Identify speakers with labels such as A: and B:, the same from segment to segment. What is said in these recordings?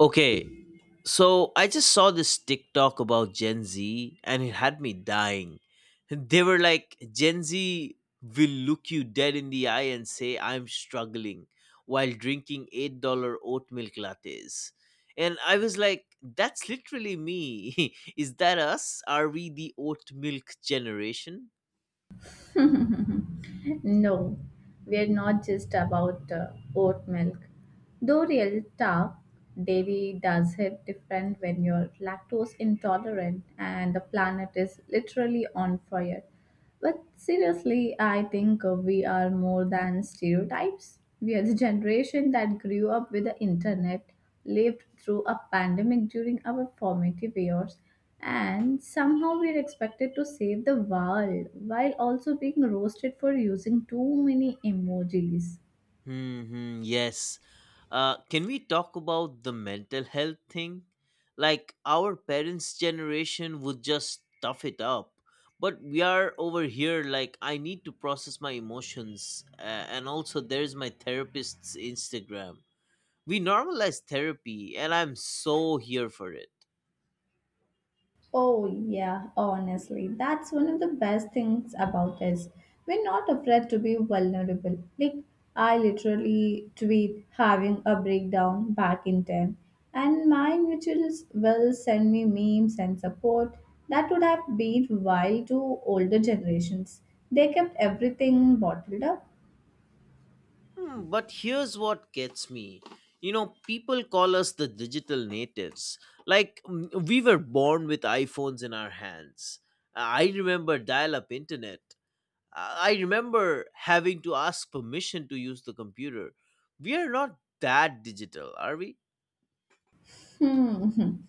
A: Okay, so I just saw this TikTok about Gen Z and it had me dying. They were like, Gen Z will look you dead in the eye and say, I'm struggling while drinking $8 oat milk lattes. And I was like, that's literally me. Is that us? Are we the oat milk generation?
B: No, we're not just about oat milk. Though real tough, dairy does hit different when you're lactose intolerant and the planet is literally on fire. But seriously, I think we are more than stereotypes. We are the generation that grew up with the internet, lived through a pandemic during our formative years, and somehow we are expected to save the world while also being roasted for using too many emojis.
A: Hmm, hmm, yes. Can we talk about the mental health thing? Like, our parents' generation would just tough it up, but we are over here like, I need to process my emotions, and also there's my therapist's Instagram. We normalize therapy, and I'm so here for it.
B: Oh, yeah, honestly, that's one of the best things about us. We're not afraid to be vulnerable. Like, I literally tweet having a breakdown back in time, and my mutuals will send me memes and support that would have been wild to older generations. They kept everything bottled up.
A: But here's what gets me. You know, people call us the digital natives. We were born with iPhones in our hands. I remember dial up internet. I remember having to ask permission to use the computer. We are not that digital, are we?
B: Hmm.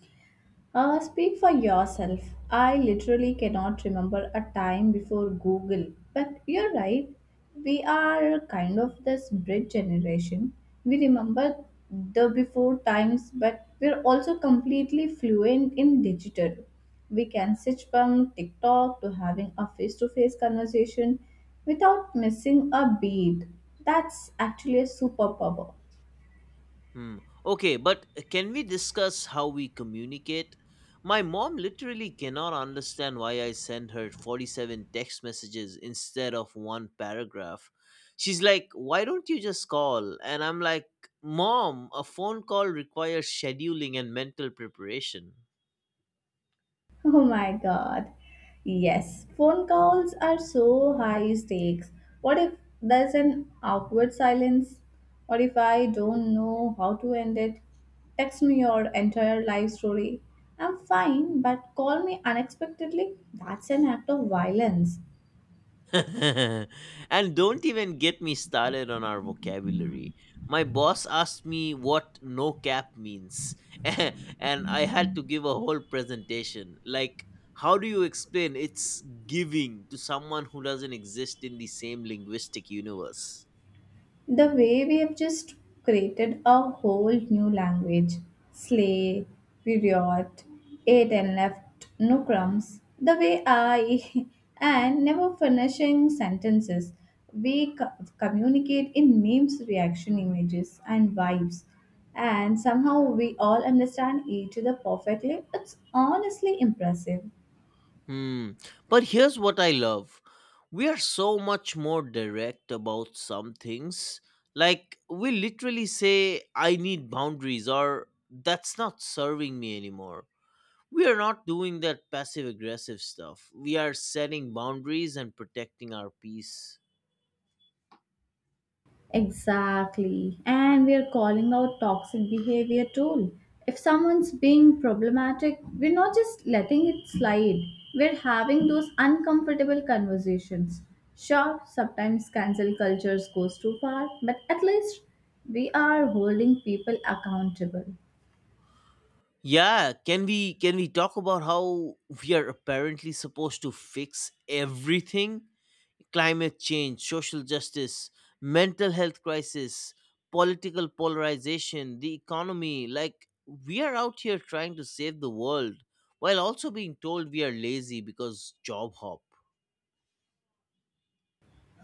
B: Speak for yourself. I literally cannot remember a time before Google. But you're right. We are kind of this bridge generation. We remember the before times, but we're also completely fluent in digital. We can switch from TikTok to having a face to face conversation without missing a beat. That's actually a superpower.
A: Hmm. Okay, but can we discuss how we communicate? My mom literally cannot understand why I send her 47 text messages instead of one paragraph. She's like, why don't you just call? And I'm like, Mom, a phone call requires scheduling and mental preparation.
B: Oh my god. Yes, phone calls are so high stakes. What if there's an awkward silence? Or if I don't know how to end it? Text me your entire life story. I'm fine, but call me unexpectedly? That's an act of violence.
A: And don't even get me started on our vocabulary. My boss asked me what no cap means, and I had to give a whole presentation. Like, how do you explain it's giving to someone who doesn't exist in the same linguistic universe?
B: The way we have just created a whole new language, slay, period, ate and left no crumbs, the way I and never finishing sentences, we co- communicate in memes, reaction images and vibes, and somehow we all understand each other perfectly. It's honestly impressive.
A: Hmm. But here's what I love. We are so much more direct about some things. Like, we literally say, I need boundaries, or that's not serving me anymore. We are not doing that passive aggressive stuff. We are setting boundaries and protecting our peace.
B: Exactly. And we are calling out toxic behavior too. If someone's being problematic, we're not just letting it slide. We're having those uncomfortable conversations. Sure, sometimes cancel cultures goes too far, but at least we are holding people accountable.
A: Yeah, can we talk about how we are apparently supposed to fix everything? Climate change, social justice, mental health crisis, political polarization, the economy. Like, we are out here trying to save the world while also being told we are lazy because job hop.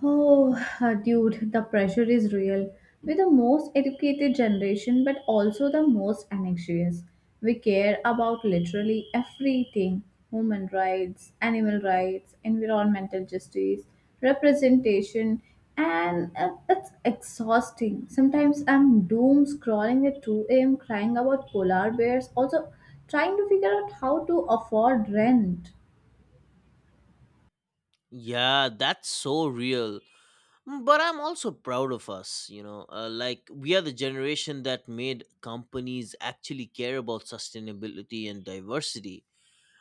B: Oh, dude, the pressure is real. We're the most educated generation, but also the most anxious. We care about literally everything: human rights, animal rights, environmental justice, representation, and it's exhausting. Sometimes I'm doom scrolling at 2 a.m., crying about polar bears, also trying to figure out how to afford rent.
A: Yeah, that's so real. Mm, but I'm also proud of us, you know, like we are the generation that made companies actually care about sustainability and diversity.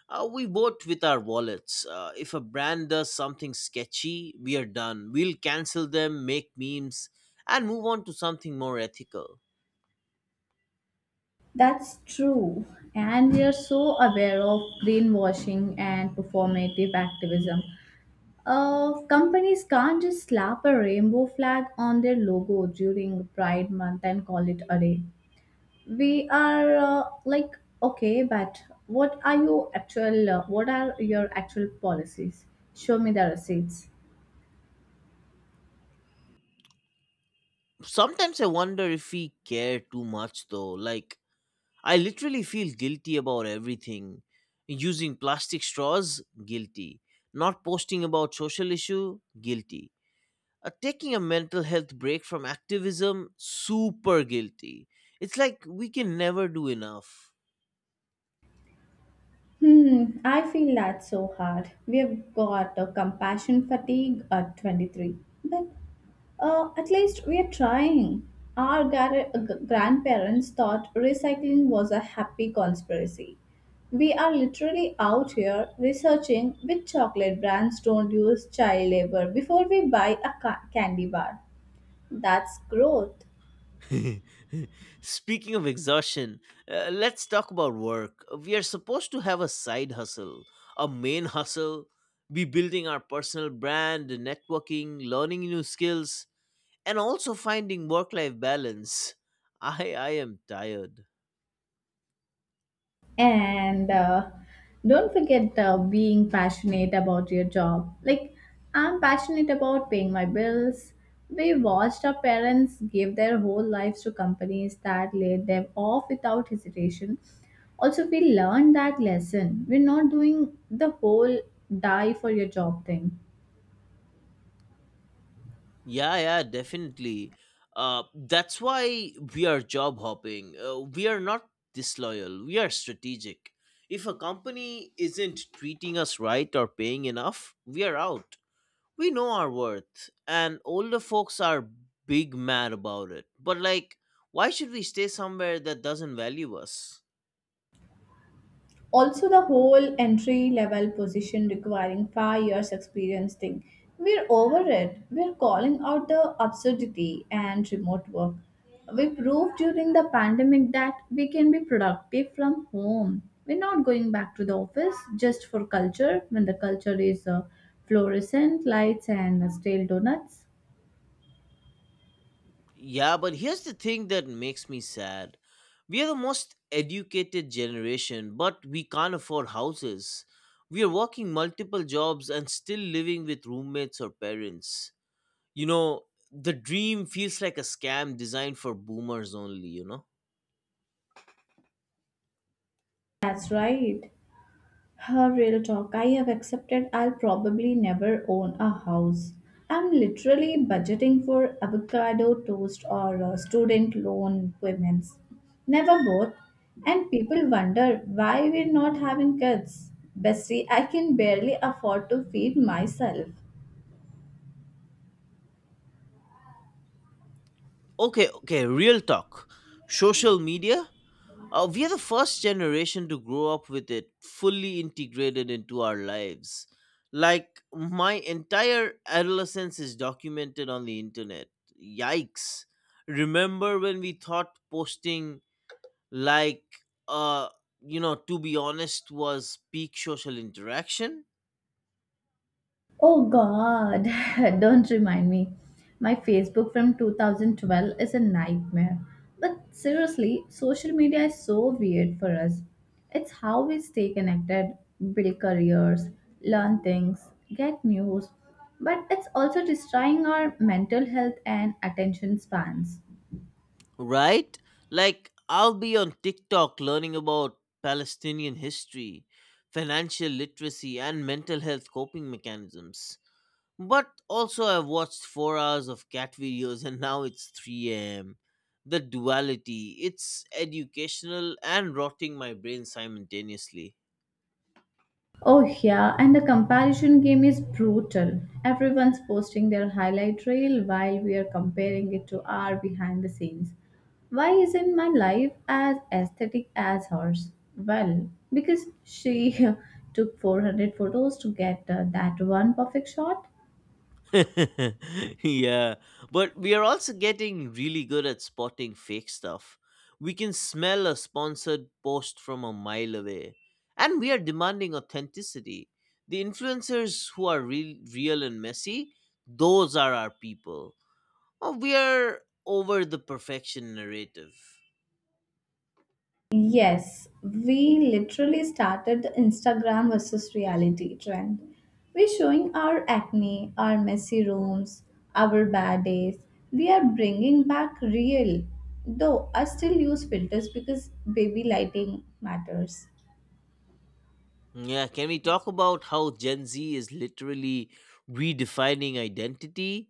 A: We vote with our wallets. If a brand does something sketchy, we are done. We'll cancel them, make memes, and move on to something more ethical.
B: That's true. And we are so aware of greenwashing and performative activism. Companies can't just slap a rainbow flag on their logo during Pride Month and call it a day. We are like, okay, but what are your actual policies? Show me the receipts.
A: Sometimes I wonder if we care too much, though. Like, I literally feel guilty about everything. Using plastic straws, guilty. Not posting about social issue, guilty. Taking a mental health break from activism, super guilty. It's like we can never do enough.
B: Hmm, I feel that's so hard. We've got a compassion fatigue at 23. But at least we are trying. Our grandparents thought recycling was a happy conspiracy. We are literally out here researching which chocolate brands don't use child labor before we buy a ca- candy bar. That's growth.
A: Speaking of exhaustion, let's talk about work. We are supposed to have a side hustle, a main hustle, be building our personal brand, networking, learning new skills, and also finding work life balance. I am tired.
B: And don't forget being passionate about your job. Like, I'm passionate about paying my bills. We watched our parents give their whole lives to companies that laid them off without hesitation. Also, we learned that lesson. We're not doing the whole die for your job thing.
A: Yeah, yeah, definitely. Uh, that's why we are job hopping. Uh, we are not disloyal, we are strategic. If a company isn't treating us right or paying enough, we are out. We know our worth, and older folks are big mad about it, but like, why should we stay somewhere that doesn't value us?
B: Also, the whole entry level position requiring 5 years experience thing, we're over it. We're calling out the absurdity, and remote work, we proved during the pandemic that we can be productive from home. We're not going back to the office just for culture when the culture is fluorescent lights and stale donuts.
A: Yeah, but here's the thing that makes me sad. We are the most educated generation, but we can't afford houses. We are working multiple jobs and still living with roommates or parents. You know, the dream feels like a scam designed for boomers only, you know?
B: That's right. Her real talk, I have accepted I'll probably never own a house. I'm literally budgeting for avocado toast or student loan payments. Never both. And people wonder why we're not having kids. Bestie, I can barely afford to feed myself.
A: Okay, okay, real talk. Social media? We are the first generation to grow up with it fully integrated into our lives. Like, my entire adolescence is documented on the internet. Yikes. Remember when we thought posting, like, uh, to be honest, was peak social interaction?
B: Oh God, don't remind me. My Facebook from 2012 is a nightmare. But seriously, social media is so weird for us. It's how we stay connected, build careers, learn things, get news, but it's also destroying our mental health and attention spans.
A: Right? Like, I'll be on TikTok learning about Palestinian history, financial literacy, and mental health coping mechanisms. But also, I've watched 4 hours of cat videos and now it's 3 a.m. The duality, it's educational and rotting my brain simultaneously.
B: Oh, yeah, and the comparison game is brutal. Everyone's posting their highlight reel while we are comparing it to our behind the scenes. Why isn't my life as aesthetic as hers? Well, because she took 400 photos to get that one perfect shot.
A: Yeah, but we are also getting really good at spotting fake stuff. We can smell a sponsored post from a mile away, and we are demanding authenticity. The influencers who are real, real and messy, those are our people. Oh, we are over the perfection narrative.
B: Yes, we literally started the Instagram versus reality trend. We're showing our acne, our messy rooms, our bad days. We are bringing back real. Though I still use filters because baby lighting matters.
A: Yeah, can we talk about how Gen Z is literally redefining identity,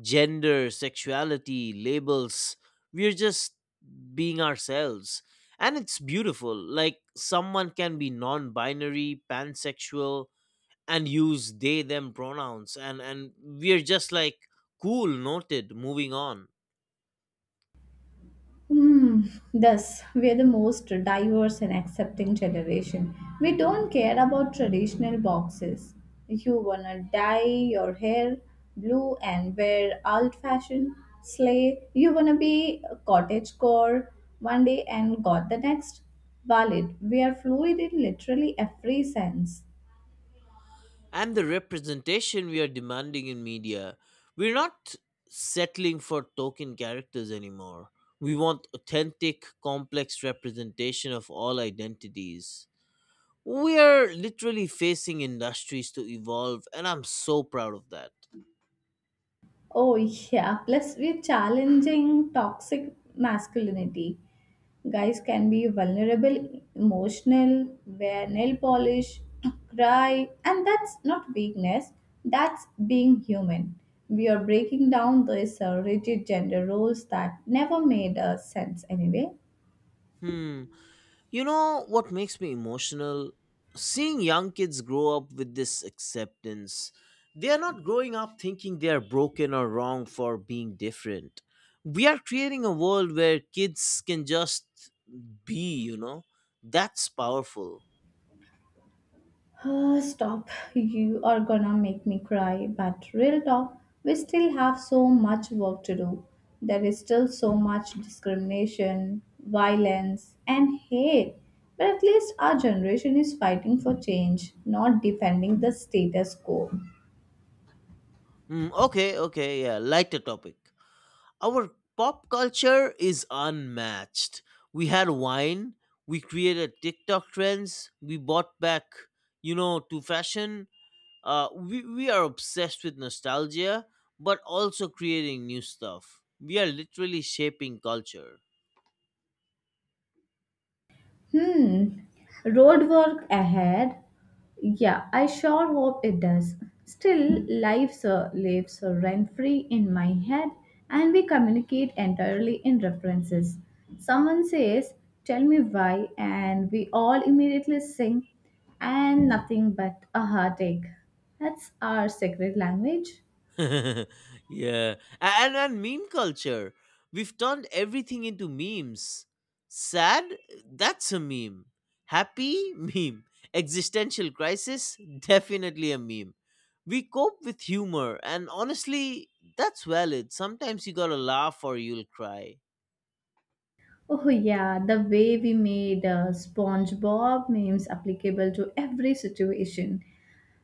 A: gender, sexuality, labels? We're just being ourselves. And it's beautiful. Like, someone can be non binary, pansexual, and use they, them pronouns. And we're just like, cool, noted, moving on.
B: Hmm, thus, we are the most diverse and accepting generation. We don't care about traditional boxes. You wanna dye your hair blue and wear old fashioned, sleigh. You wanna be a cottage core one day and got the next. Valid. We are fluid in literally every sense.
A: And the representation we are demanding in media. We're not settling for token characters anymore. We want authentic, complex representation of all identities. We are literally facing industries to evolve, and I'm so proud of that.
B: Oh, yeah. Plus, we're challenging toxic masculinity. Guys can be vulnerable, emotional, wear nail polish, cry, and that's not weakness, that's being human. We are breaking down these rigid gender roles that never made sense anyway.
A: Hmm. You know what makes me emotional? Seeing young kids grow up with this acceptance. They are not growing up thinking they are broken or wrong for being different. We are creating a world where kids can just be, you know? That's powerful.
B: Ah, stop. You are gonna make me cry. But real talk, we still have so much work to do. There is still so much discrimination, violence, and hate. But at least our generation is fighting for change, not defending the status quo.
A: Mm, okay, okay, yeah, lighter topic. Our pop culture is unmatched. We had wine, we created TikTok trends, we bought back, you know, to fashion. Uh, we are obsessed with nostalgia, but also creating new stuff. We are literally shaping culture.
B: Hmm. Roadwork ahead. Yeah, I sure hope it does. Still, life lives rent free in my head, and we communicate entirely in references. Someone says, tell me why, and we all immediately sing, and nothing but a heartache. That's our secret language.
A: Yeah. And meme culture, we've turned everything into memes. Sad, that's a meme. Happy, meme. Existential crisis, definitely a meme. We cope with humor, and honestly, that's valid. Sometimes you gotta laugh or you'll cry.
B: Oh, yeah, the way we made SpongeBob memes applicable to every situation.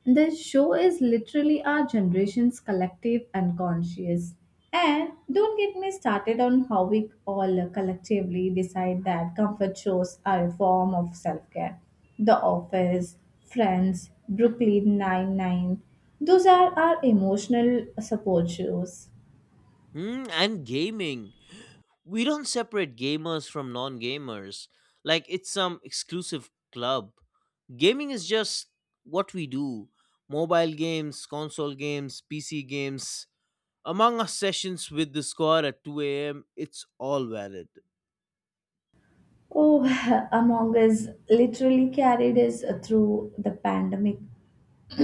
B: The show is literally our generation's collective unconscious. And don't get me started on how we all collectively decide that comfort shows are a form of self care. The Office, Friends, Brooklyn Nine-Nine, those are our emotional support shows.
A: Hmm, and gaming, we don't separate gamers from non-gamers like it's some exclusive club. Gaming is just what we do. Mobile games, console games, pc games, among us sessions with the squad at 2 a.m., it's all valid.
B: Oh, Among Us literally carried us through the pandemic.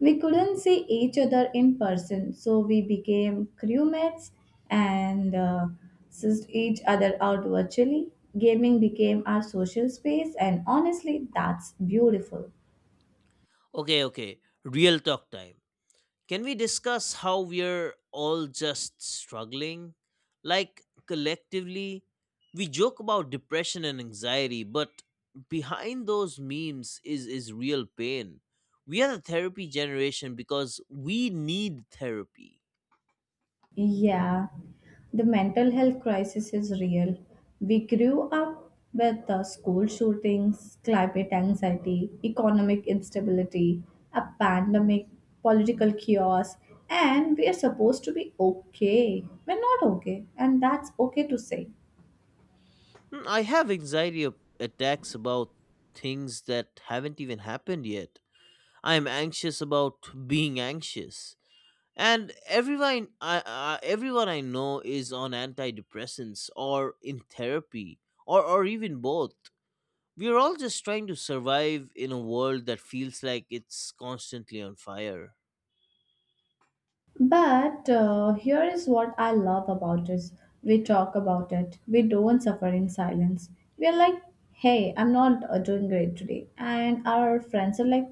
B: We couldn't see each other in person, so we became crewmates and sussed each other out virtually. Gaming became our social space, and honestly, that's beautiful.
A: Okay, okay, real talk time. Can we discuss how we're all just struggling? Like, collectively, we joke about depression and anxiety, but behind those memes is real pain. We are the therapy generation because we need therapy.
B: Yeah, the mental health crisis is real. We grew up with school shootings, climate anxiety, economic instability, a pandemic, political chaos, and we are supposed to be okay. We're not okay, and that's okay to say.
A: Mm, I have anxiety of attacks about things that haven't even happened yet. I am anxious about being anxious. And everyone I know is on antidepressants or in therapy, or even both. We are all just trying to survive in a world that feels like it's constantly on fire.
B: But here is what I love about us. We talk about it. We don't suffer in silence. We are like, hey, I'm not doing great today. And our friends are like,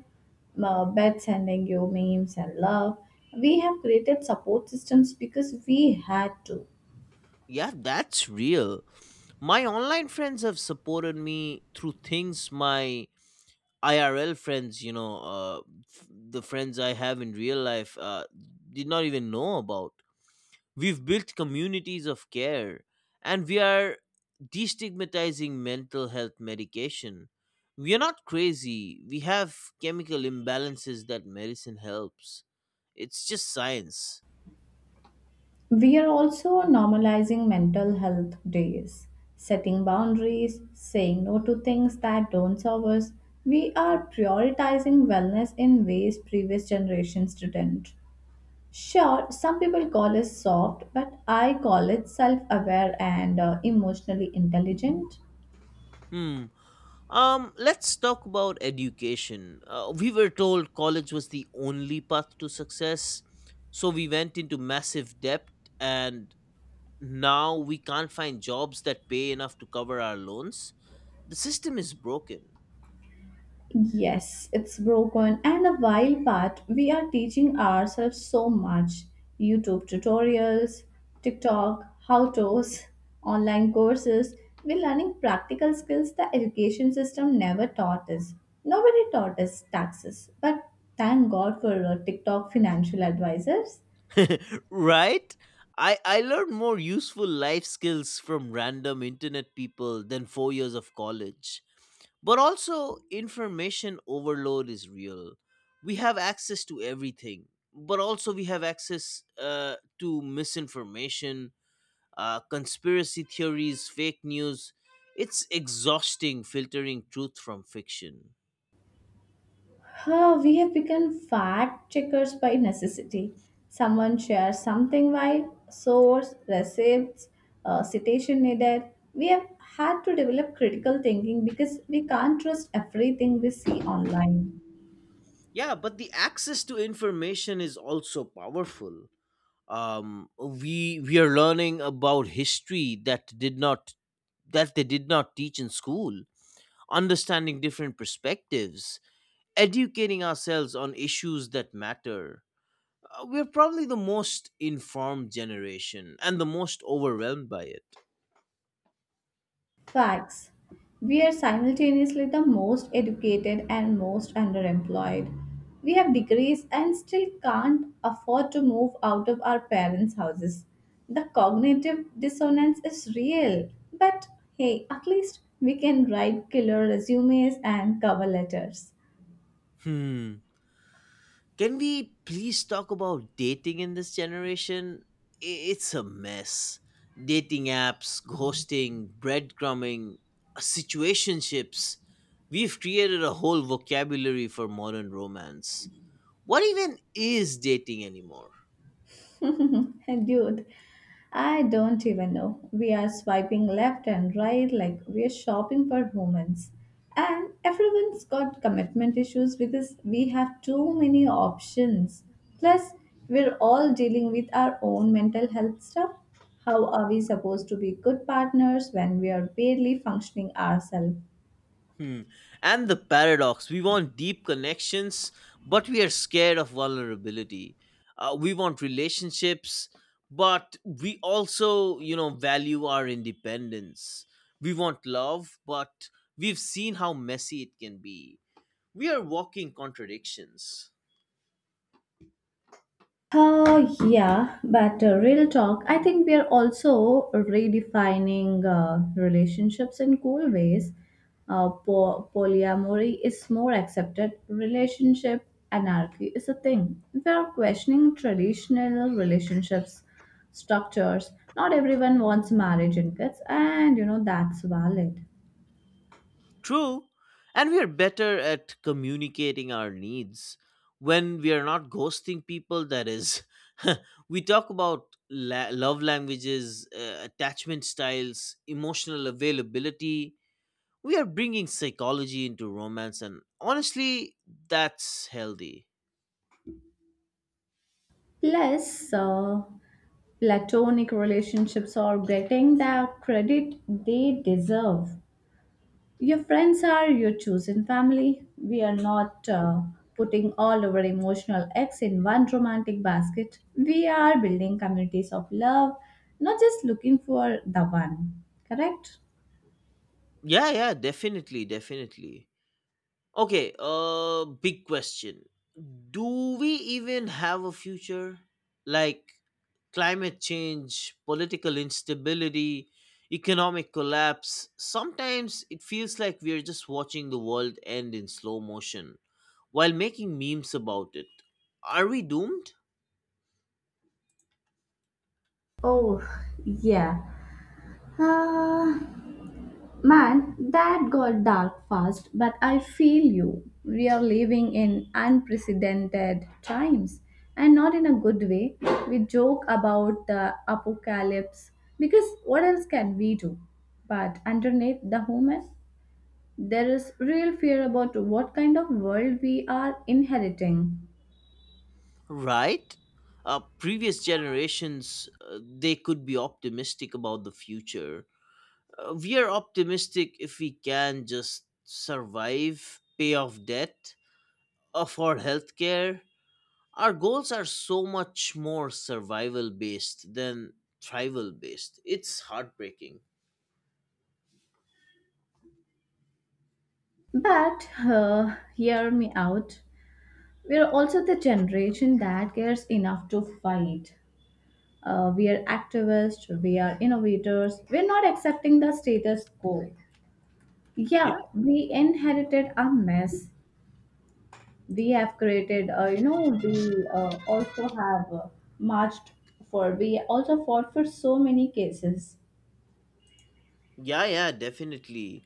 B: bet, sending you memes and love. We have created support systems because we had to.
A: Yeah, that's real. My online friends have supported me through things my IRL friends, you know, the friends I have in real life, did not even know about. We've built communities of care, and we are destigmatizing mental health medication. We are not crazy. We have chemical imbalances that medicine helps. It's just science.
B: We are also normalizing mental health days, setting boundaries, saying no to things that don't serve us. We are prioritizing wellness in ways previous generations didn't. Sure, some people call us soft, but I call it self aware and emotionally intelligent.
A: Hmm. Let's talk about education. We were told college was the only path to success, so we went into massive debt, and now we can't find jobs that pay enough to cover our loans. The system is broken.
B: Yes, it's broken. And a while back, we are teaching ourselves so much: YouTube tutorials, TikTok, how to's, online courses. We're learning practical skills the education system never taught us. Nobody taught us taxes, but thank God for TikTok financial advisors.
A: Right? I learned more useful life skills from random internet people than 4 years of college. But also, information overload is real. We have access to everything, but also we have access to misinformation, conspiracy theories, fake news. It's exhausting filtering truth from fiction.
B: Huh, we have become fact checkers by necessity. Someone shares something while source, receipts, citation needed. We have had to develop critical thinking because we can't trust everything we see online.
A: Yeah, but the access to information is also powerful. We are learning about history that did not that they did not teach in school, understanding different perspectives, educating ourselves on issues that matter. We're probably the most informed generation and the most overwhelmed by it.
B: Facts. We are simultaneously the most educated and most underemployed. We have degrees and still can't afford to move out of our parents' houses. The cognitive dissonance is real, but hey, at least we can write killer resumes and cover letters.
A: Hmm. Can we please talk about dating in this generation? It's a mess. Dating apps, ghosting, breadcrumbing, situationships. We've created a whole vocabulary for modern romance. What even is dating anymore?
B: Dude, I don't even know. We are swiping left and right like we're shopping for humans. And everyone's got commitment issues because we have too many options. Plus, we're all dealing with our own mental health stuff. How are we supposed to be good partners when we are barely functioning ourselves?
A: Hmm. And the paradox, we want deep connections, but we are scared of vulnerability. We want relationships, but we also, you know, value our independence. We want love, but we've seen how messy it can be. We are walking contradictions.
B: Oh yeah, but real talk, I think we are also redefining relationships in cool ways. Polyamory is more accepted, relationship anarchy is a thing. We are questioning traditional relationships structures. Not everyone wants marriage and kids, and you know that's valid.
A: True. And we are better at communicating our needs, when we are not ghosting people, that is. We talk about love languages, attachment styles, emotional availability. We are bringing psychology into romance, and honestly, that's healthy.
B: Plus, platonic relationships are getting the credit they deserve. Your friends are your chosen family. We are not putting all our emotional eggs in one romantic basket. We are building communities of love, not just looking for the one. Correct?
A: Yeah, yeah, definitely, definitely. Okay, big question. Do we even have a future? Like, climate change, political instability, economic collapse, sometimes it feels like we are just watching the world end in slow motion while making memes about it. Are we doomed?
B: Oh, yeah. Ah. Man, that got dark fast, but I feel you. We are living in unprecedented times, and not in a good way. We joke about the apocalypse because what else can we do? But underneath the humor, there is real fear about what kind of world we are inheriting.
A: Right? Previous generations, they could be optimistic about the future. We are optimistic if we can just survive, pay off debt, afford healthcare. Our goals are so much more survival based than tribal based. It's heartbreaking.
B: But hear me out. We are also the generation that cares enough to fight. We are activists, we are innovators, we're not accepting the status quo.
A: Yeah.
B: Yeah, we inherited a mess. We have created, you know, we also have marched for, we also fought for so many cases.
A: Yeah, yeah, definitely.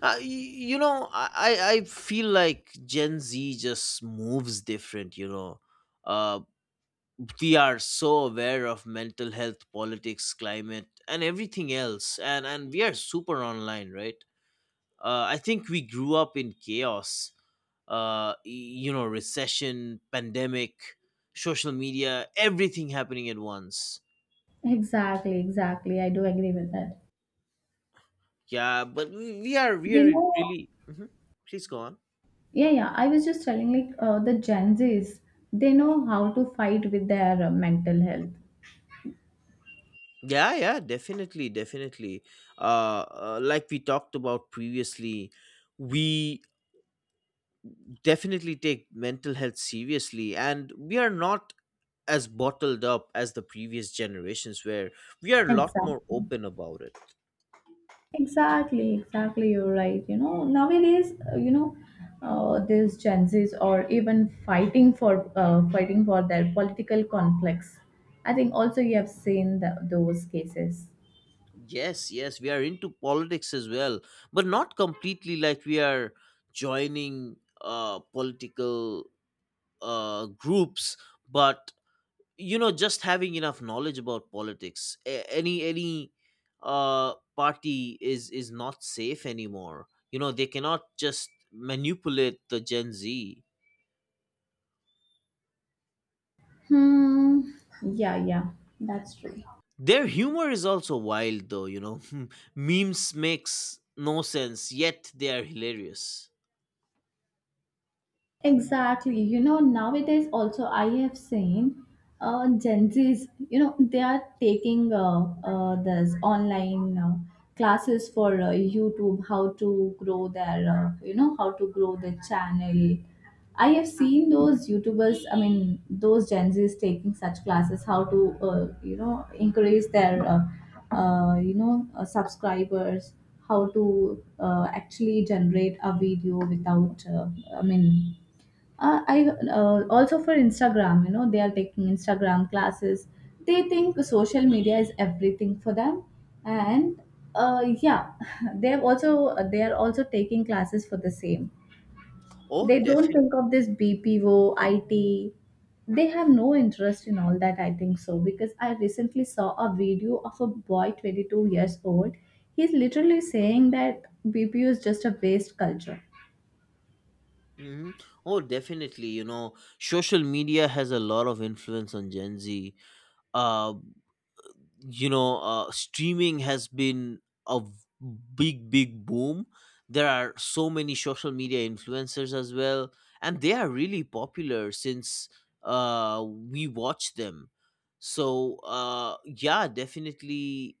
A: Uh, y- you know i i I feel like gen z just moves different, you know. Uh, we are so aware of mental health, politics, climate, and everything else, and we are super online, right? Uh, I think we grew up in chaos. Uh, you know, recession, pandemic, social media, everything happening at once.
B: Exactly, exactly. I do agree with that.
A: Yeah, but we are
B: We know,
A: really. Mhm. Please go on.
B: yeah, yeah. I was just telling like the Gen Zs, they know how to fight with their mental health.
A: Yeah, yeah, definitely, definitely. Like we talked about previously, we definitely take mental health seriously, and we are not as bottled up as the previous generations were. We are a lot more
B: Exactly.
A: open about it.
B: Exactly, exactly. You're right. You know, nowadays, you know, these Gen Zs are even fighting for fighting for their political conflicts. I think also you have seen the, those cases.
A: Yes, yes, we are into politics as well, but not completely like we are joining political groups, but just having enough knowledge about politics any party is not safe anymore, they cannot just manipulate the Gen Z.
B: Hmm. Yeah, yeah, that's true.
A: Their humor is also wild though, memes makes no sense yet they are hilarious.
B: Exactly. You know, nowadays also I have seen Gen Zs, you know, they are taking this online classes for YouTube, how to grow their, you know, how to grow the channel. I have seen those YouTubers, I mean, those Gen Zs taking such classes, how to, you know, increase their, you know, subscribers, how to actually generate a video without, I mean, I also for Instagram, you know, they are taking Instagram classes. They think social media is everything for them, and yeah, they are also taking classes for the same.
A: Oh,
B: They don't
A: definitely.
B: think of this BPO, IT. They have no interest in all that. I think so because I recently saw a video of a boy, 22 years old. He's literally saying that BPO is just a waste culture.
A: Hmm. Oh definitely, social media has a lot of influence on Gen Z. uh Streaming has been a big boom. There are so many social media influencers as well, and they are really popular since we watch them. So yeah, definitely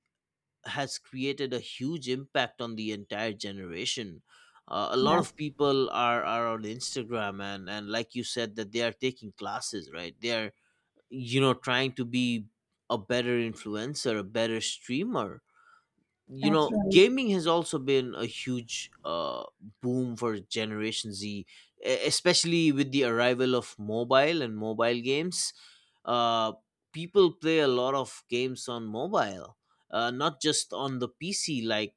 A: has created a huge impact on the entire generation. A lot of
B: That's
A: people are on Instagram, and like you said that they are taking classes, right? They are, trying to be a better influencer, a better streamer.
B: that's right.
A: Gaming has also been a huge boom for generation Z, especially with the arrival of mobile and mobile games. uh, People play a lot of games on mobile, not just on the PC like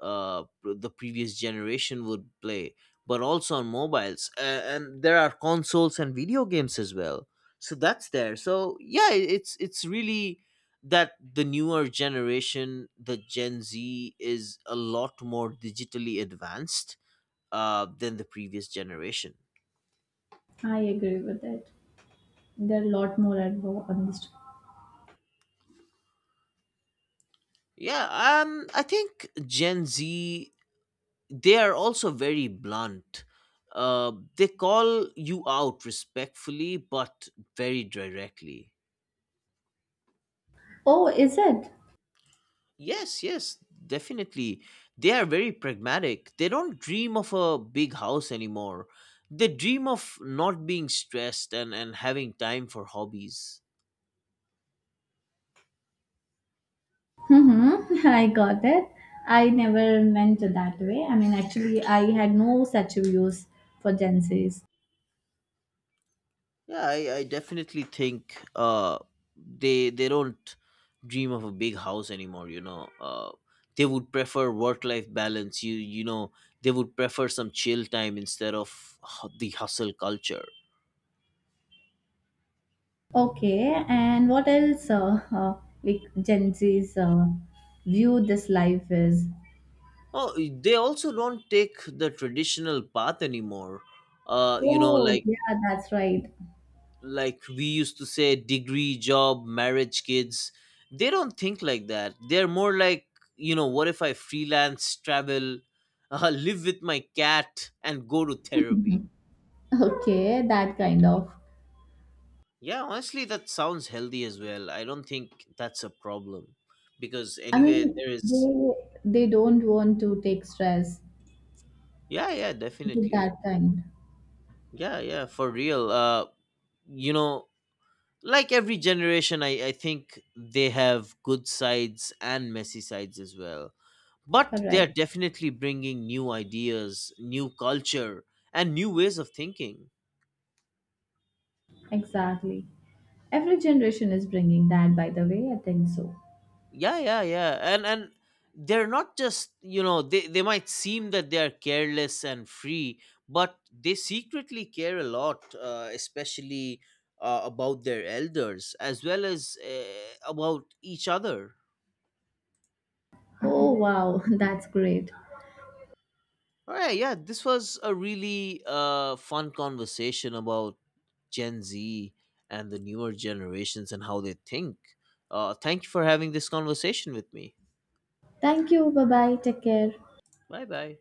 A: uh, the previous generation would play, but also on mobiles. And there are consoles and video games as well, so that's there. So yeah, it's really that the newer generation, the Gen Z, is a lot more digitally advanced than the previous generation.
B: I agree with it. There are a lot more on this.
A: Yeah, I think Gen Z, they are also very blunt. They call you out respectfully but very directly.
B: Oh, is it?
A: Yes, yes, definitely. They are very pragmatic. They don't dream of a big house anymore. They dream of not being stressed and, having time for hobbies.
B: Mm-hmm. I got it. I never meant it that way. I mean, actually, I had no such views for Gen Zs.
A: Yeah, I definitely think they don't dream of a big house anymore, you know. Uh, they would prefer work life balance. You know, they would prefer some chill time instead of the hustle culture.
B: Okay, and what else? Like Gen Zs view this life is.
A: Oh, they also don't take the traditional path anymore. You know,
B: Oh, yeah, that's right.
A: like we used to say, degree, job, marriage, kids. They don't think like that. They're more like, you know, what if I freelance, travel, live with my cat, and go to therapy?
B: Okay, that kind of.
A: Yeah, honestly, that sounds healthy as well. I don't think that's a problem because
B: I
A: anyway,
B: mean,
A: there is.
B: they don't want to take stress.
A: Yeah, yeah,
B: Is it
A: definitely.
B: that kind?
A: Yeah, yeah, for real. You know, like every generation, I think they have good sides and messy sides as well, but they're
B: Correct.
A: definitely bringing new ideas, new culture, and new ways of thinking.
B: Exactly. Every generation is bringing that, by the way, I think so.
A: Yeah, yeah, yeah. And they're not just, you know, they might seem that they are careless and free, but they secretly care a lot, especially about their elders as well as about each other.
B: Oh, wow, that's great.
A: All right, yeah, this was a really fun conversation about Gen Z and the newer generations and how they think. Thank you for having this conversation with me.
B: Thank you. Bye bye. Take care.
A: Bye bye.